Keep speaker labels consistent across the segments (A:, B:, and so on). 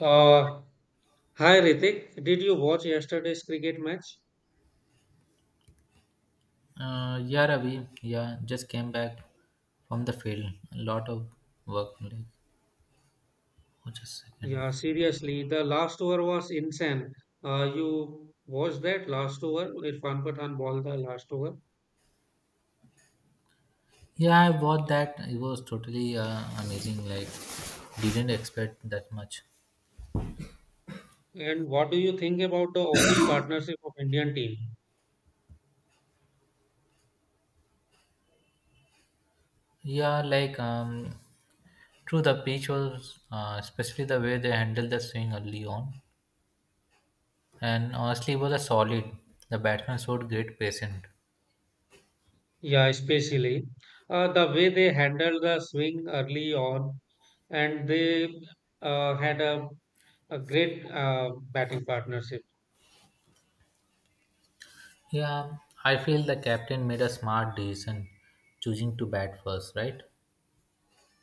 A: Uh, Hi Ritik, did you watch yesterday's cricket match?
B: Yeah, Ravi. Yeah, just came back from the field. A lot of work. Like, oh, just a second.
A: Yeah, seriously, the last over was insane. You watched that last over? Irfan Pathan bowled the last over.
B: Yeah, I bought that. It was totally amazing. Like, didn't expect that much.
A: And what do you think about the opening partnership of Indian team?
B: Yeah, like true. The pitch was, especially the way they handled the swing early on, and honestly, it was a solid. The batsman showed great patience.
A: Yeah, especially the way they handled the swing early on, and they had a great batting partnership.
B: Yeah, I feel the captain made a smart decision choosing to bat first, right?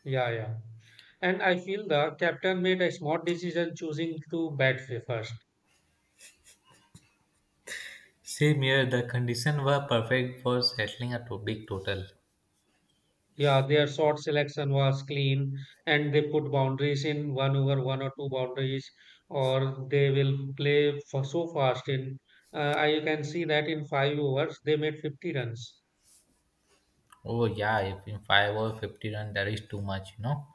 A: Yeah, yeah. And I feel the captain made a smart decision choosing to bat first.
B: Same here, the conditions were perfect for settling a big total.
A: Yeah, their short selection was clean and they put boundaries in one over one or two boundaries, or they will play for so fast. In I can see that in five overs, they made 50 runs.
B: Oh yeah, if in 5 or 50 run, that is too much.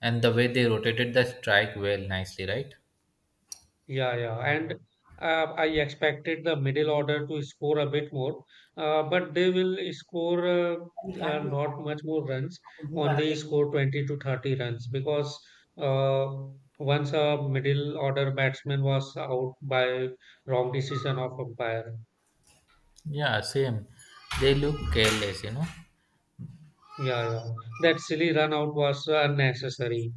B: And the way they rotated the strike well, nicely, right?
A: Yeah, yeah. And I expected the middle order to score a bit more, but they will score not much more runs, only score 20 to 30 runs because uh, once a middle order batsman was out by wrong decision of umpire.
B: Yeah, same. They look careless.
A: Yeah, yeah. That silly run out was unnecessary.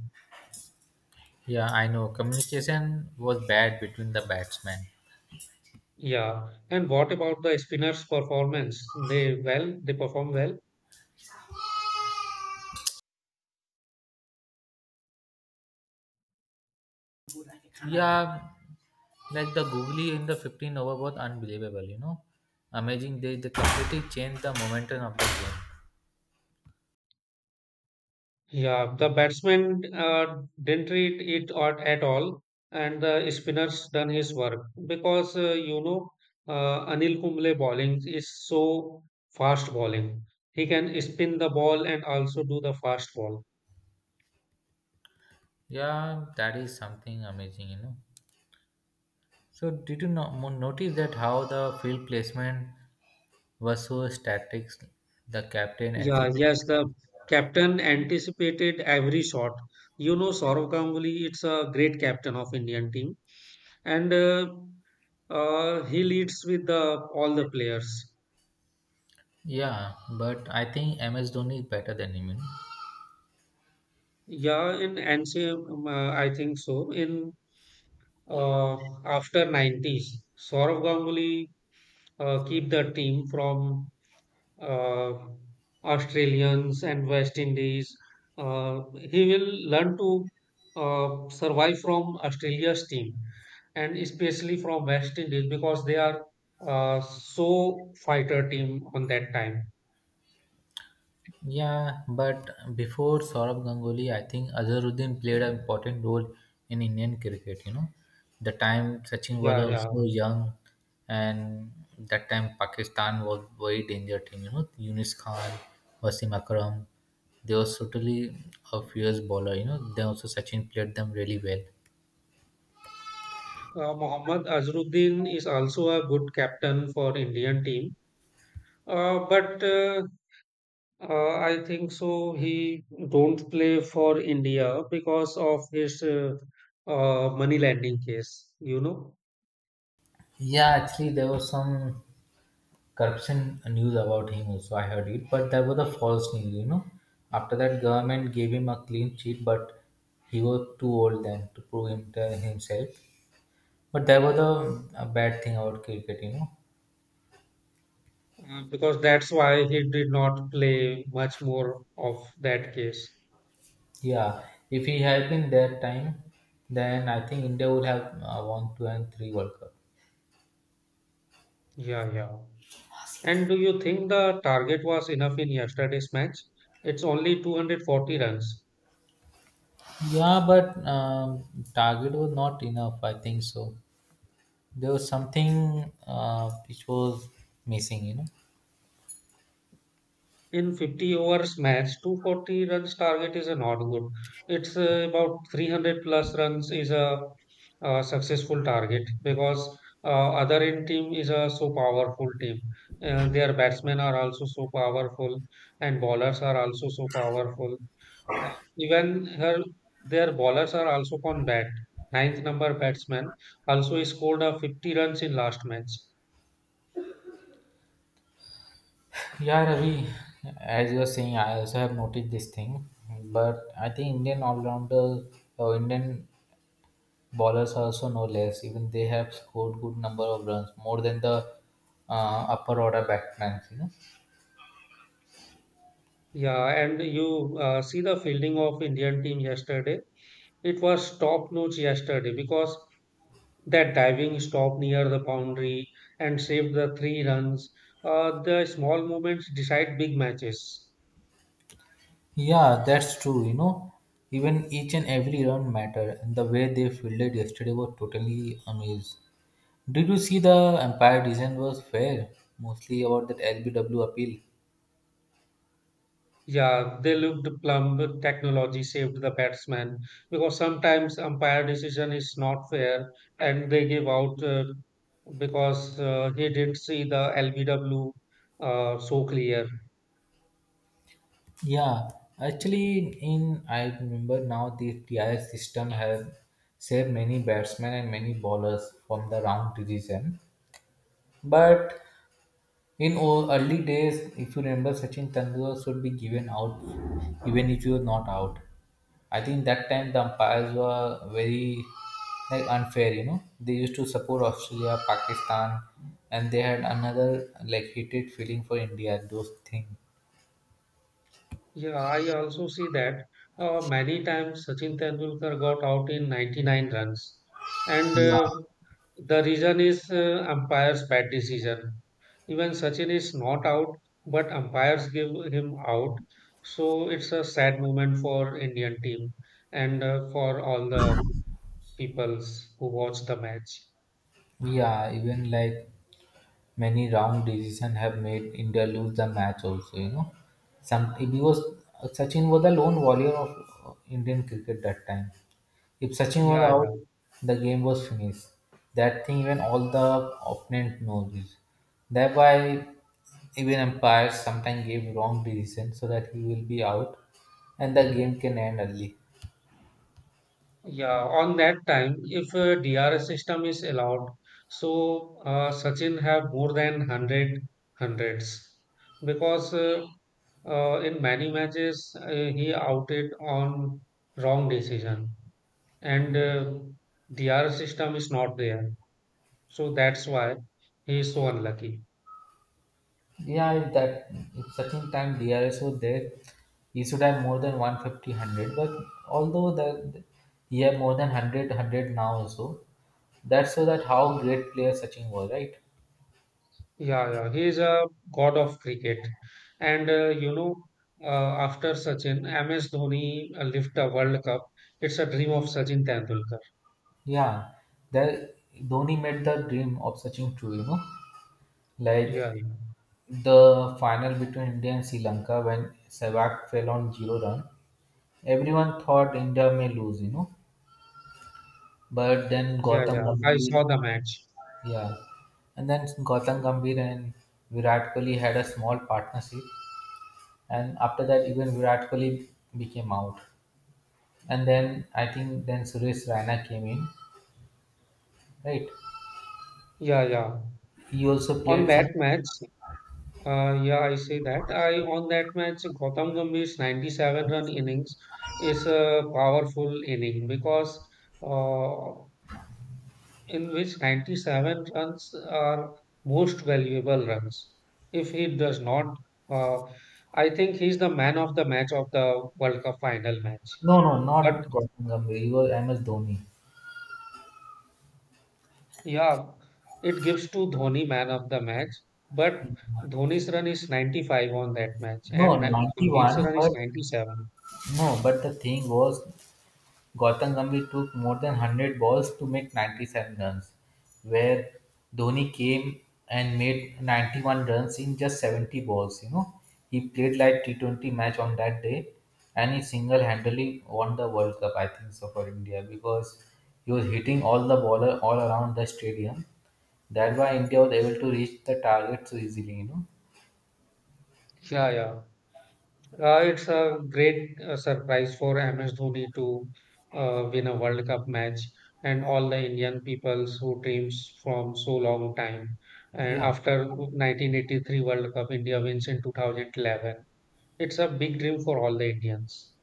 B: Yeah, I know. Communication was bad between the batsmen.
A: Yeah. And what about the spinners' performance? They perform well.
B: Yeah, like the googly in the 15 over was unbelievable. Amazing. They completely changed the momentum of the game.
A: Yeah, the batsman didn't read it or, at all, and the spinners done his work because Anil Kumble bowling is so fast bowling. He can spin the ball and also do the fast ball.
B: Yeah, that is something amazing. So did you notice that how the field placement was so static, the captain and C
A: Yeah,
B: P.
A: yes, the captain anticipated every shot. You know, Saurav Ganguly, it's a great captain of Indian team, and he leads with the all the players.
B: Yeah, but I think MS Dhoni is better than him.
A: Yeah, in NCM, I think so. In uh, After 90s, Saurav Ganguly keep the team from uh, Australians and West Indies. Uh, he will learn to survive from Australia's team and especially from West Indies because they are so fighter team on that time.
B: Yeah, but before Saurabh Ganguly, I think Azharuddin played an important role in Indian cricket. You know, the time Sachin was
A: Yeah, yeah.
B: also young, and that time Pakistan was very danger team. You know, Yunus Khan, Wasim Akram, they were totally a fierce bowler. You know, they also Sachin played them really well.
A: Mohammad Azharuddin is also a good captain for Indian team. But I think so. He don't play for India because of his money lending case. You know,
B: Yeah, actually, there was some corruption news about him, also I heard it, but that was a false news. After that, government gave him a clean sheet, but he was too old then to prove himself, but that was a bad thing about cricket.
A: because that's why he did not play much more of that case.
B: Yeah, if he had been that time, then I think India would have won two and three World Cup.
A: Yeah, yeah. And do you think the target was enough in yesterday's match? It's only 240 runs.
B: Yeah, but target was not enough, I think so. There was something which was missing.
A: In 50 overs match, 240 runs target is a not good. It's about 300 plus runs is a successful target because other end team is a so powerful team. Their batsmen are also so powerful and bowlers are also so powerful. Uh, even her their bowlers are also on bat. Ninth number batsman also he scored a 50 runs in last match.
B: Yeah, Ravi, as you are saying, I also have noticed this thing, but I think Indian all-rounder or Indian bowlers are also no less. Even they have scored good number of runs, more than the upper order batsmen. You know.
A: Yeah, and you see the fielding of Indian team yesterday. It was top notch yesterday because that diving stop near the boundary and saved the three runs. The small moments decide big matches.
B: Yeah, that's true. You know, even each and every run matter, and the way they fielded yesterday was totally amazed. Did you see the umpire decision was fair, mostly about that LBW appeal?
A: Yeah, they looked plumb. Technology saved the batsman because sometimes umpire decision is not fair and they give out because he didn't see the LBW so clear.
B: Yeah, actually, I remember now the TIS system has saved many batsmen and many bowlers from the round decision. But in early days, if you remember, Sachin Tendulkar should be given out even if you are not out. I think that time the umpires were very like unfair. You know, they used to support Australia, Pakistan, and they had another like hated feeling for India. Those things.
A: Yeah, I also see that many times Sachin Tendulkar got out in 99 runs, and
B: Yeah.
A: the reason is umpire's bad decision. Even Sachin is not out, but umpires give him out. So it's a sad moment for Indian team and for all the peoples who watch the match.
B: Yeah, even like many wrong decisions have made India lose the match also. Some because Sachin was the lone warrior of Indian cricket that time. If Sachin was
A: Yeah,
B: out, the game was finished. That thing even all the opponent knows this. That's why even umpires sometimes give wrong decision so that he will be out and the game can end early.
A: Yeah, on that time, if a DRS system is allowed, so Sachin have more than 100 hundreds because in many matches he outed on wrong decision and DRS system is not there. So that's why he is so unlucky.
B: Yeah, if such in time DRSO there, he should have more than 150, but although that he have more than 100, now also, that's so that how great player Sachin was, right?
A: Yeah, yeah, he is a god of cricket. And you know, after Sachin, MS Dhoni lift a World Cup. It's a dream of Sachin Tendulkar.
B: Yeah, that Dhoni made the dream of Sachin true.
A: Yeah,
B: Like
A: yeah,
B: the final between India and Sri Lanka when Sehwag fell on zero run, everyone thought India may lose. But then
A: yeah,
B: Gautam
A: yeah. I
B: Gambhir.
A: saw the match.
B: Yeah, and then Gautam Gambhir and Virat Kohli had a small partnership, and after that, even Virat Kohli became out. And then I think then Suresh Raina came in, right?
A: Yeah, yeah.
B: He also
A: On
B: played some.
A: that match, yeah, I say that. I On that match, Gautam Gambhir's 97 run innings is a powerful inning because uh, in which 97 runs are most valuable runs. If he does not, uh, I think he's the man of the match of the World Cup final match.
B: No, no,
A: But
B: not Gautam Gambhir. He was MS Dhoni.
A: yeah, it gives to Dhoni man of the match. But Dhoni's run is 95 on that match, and
B: No, ninety
A: Gambhir's
B: one.
A: run is
B: But
A: 97.
B: no, but the thing was Gautam Gambhir took more than 100 balls to make 97 runs, where Dhoni came and made 91 runs in just 70 balls. You know, he played like T20 match on that day, and he single-handedly won the World Cup. I think so for India because he was hitting all the baller all around the stadium. That's why India was able to reach the target so easily. You know,
A: Yeah, yeah. It's a great surprise for MS Dhoni to win a World Cup match and all the Indian peoples who dreams from so long time. And
B: yeah.
A: after 1983 World Cup, India wins in 2011. It's a big dream for all the Indians.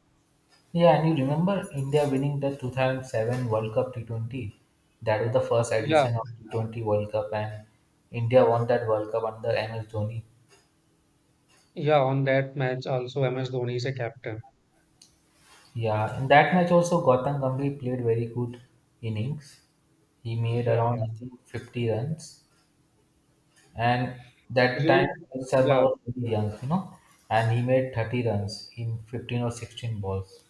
B: Yeah, and you remember India winning the 2007 World Cup T20? That was the first
A: Yeah,
B: edition of T20 World Cup, and India won that World Cup under MS Dhoni.
A: yeah. On that match, also MS Dhoni is a captain.
B: Yeah, in that match also Gautam Gambhir played very good innings. He made
A: Yeah,
B: around
A: yeah.
B: I think 50 runs, and that time
A: You,
B: Rohit Sharma
A: yeah.
B: was very young, and he made 30 runs in 15 or 16 balls.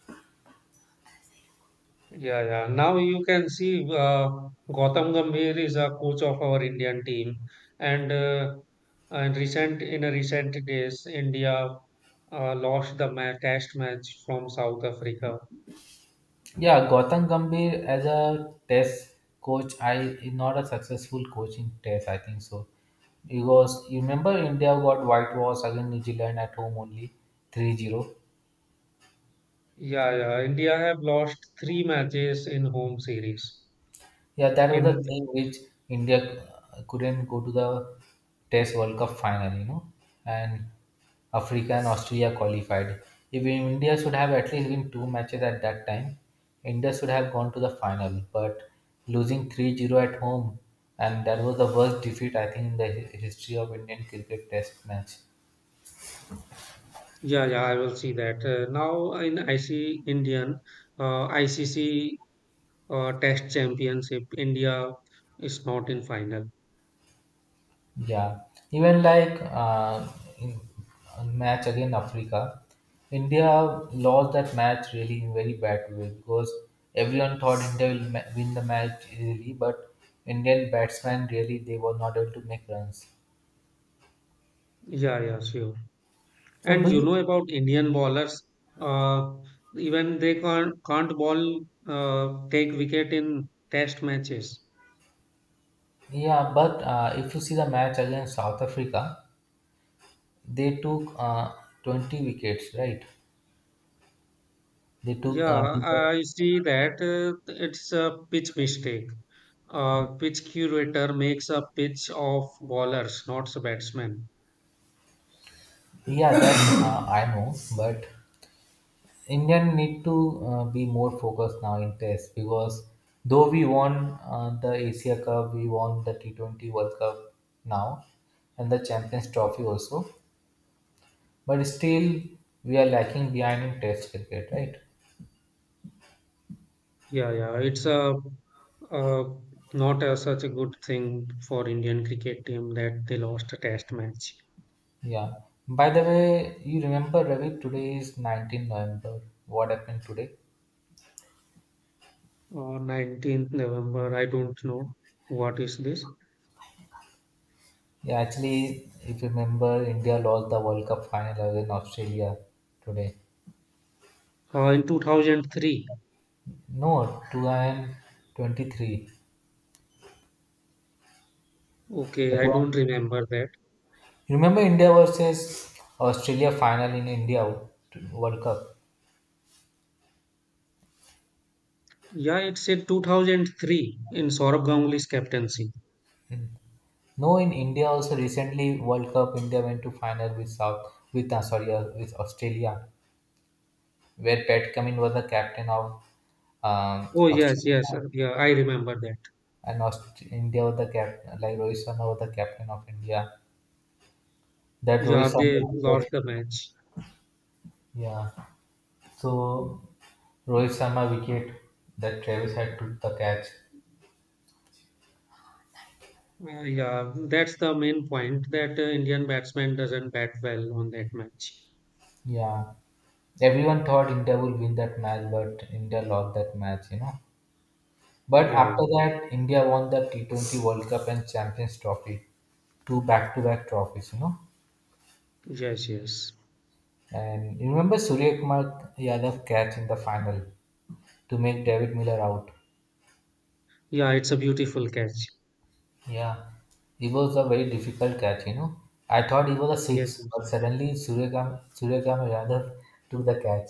A: Yeah, yeah. Now you can see Gautam Gambhir is a coach of our Indian team, and uh, and recent in a recent days, India lost the ma test match from South Africa.
B: Yeah, Gautam Gambhir as a test coach, I not a successful coaching test. I think so. Because you remember India got whitewashed against New Zealand at home only 3-0.
A: Yeah, yeah. India have lost three matches in home series.
B: Yeah, that was the
A: In
B: thing which India couldn't go to the Test World Cup final, and Africa and Australia qualified. If India should have at least win two matches at that time, India should have gone to the final. But losing 3-0 at home, and that was the worst defeat I think in the history of Indian cricket Test match.
A: Yeah, yeah. I will see that uh, now in IC Indian uh, ICC Test Championship. India is not in final.
B: Yeah, even like in a match against Africa, India lost that match really in very bad way because everyone thought India will win the match easily, but Indian batsmen really they were not able to make runs.
A: Yeah, yeah. Sure.
B: So
A: And
B: do
A: you
B: you?
A: know about Indian bowlers, uh, even they can't ball take wicket in test matches.
B: Yeah, but if you see the match against South Africa, they took 20 wickets, right? They took, uh,
A: Yeah,
B: they took-
A: I see that it's a pitch mistake. Pitch curator makes a pitch of bowlers, not the batsmen.
B: yeah, that I know, but Indian need to be more focused now in test because though we won the Asia Cup, we won the T20 World Cup now and the Champions Trophy also, but still we are lacking behind in test cricket, right?
A: Yeah, yeah, it's a uh, not a, such a good thing for Indian cricket team that they lost a test match
B: Yeah. By the way, you remember Ravi, today is 19 November. What happened today?
A: on 19th November. I don't know what is this.
B: Yeah, actually, if you remember, India lost the World Cup final against Australia today.
A: In 2003.
B: No, 2023.
A: Okay, I don't remember that.
B: Remember India versus Australia final in India World Cup.
A: Yeah, it's in 2003 in Saurabh Ganguly's captaincy.
B: No, in India also recently World Cup India went to final with South with sorry with Australia, where Pat Cummins was the captain of
A: Oh, yes, yes.
B: Australia,
A: Yeah, I remember that.
B: and India was the captain, like Rohit Sharma was the captain of India. That
A: Yeah,
B: Rohit Sharma
A: they lost
B: wicket,
A: the match.
B: yeah. So Rohit Sharma wicket, that Travis had took the catch.
A: Yeah, that's the main point that Indian batsman doesn't bat well on that match.
B: Yeah, everyone thought India would win that match, but India lost that match. But
A: Yeah,
B: after
A: yeah.
B: that, India won the T20 World Cup and Champions Trophy, two back-to-back trophies.
A: Yes, yes.
B: And you remember Surya Kumar Yadav catch in the final to make David Miller out.
A: Yeah, it's a beautiful catch.
B: Yeah, it was a very difficult catch. I thought it was a
A: Yes,
B: six,
A: yes.
B: but suddenly Surya Kumar Yadav took the catch.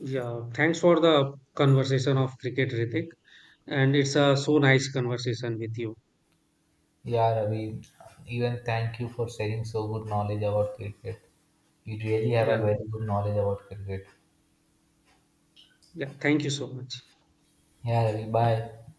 A: Yeah, thanks for the conversation of cricket, Ritik. And it's a so nice conversation with you.
B: Yeah, Ravi, even thank you for sharing so good knowledge about cricket. You really have a
A: Yeah,
B: very good knowledge about cricket.
A: yeah. Thank you so much.
B: Yeah, Ravi, bye.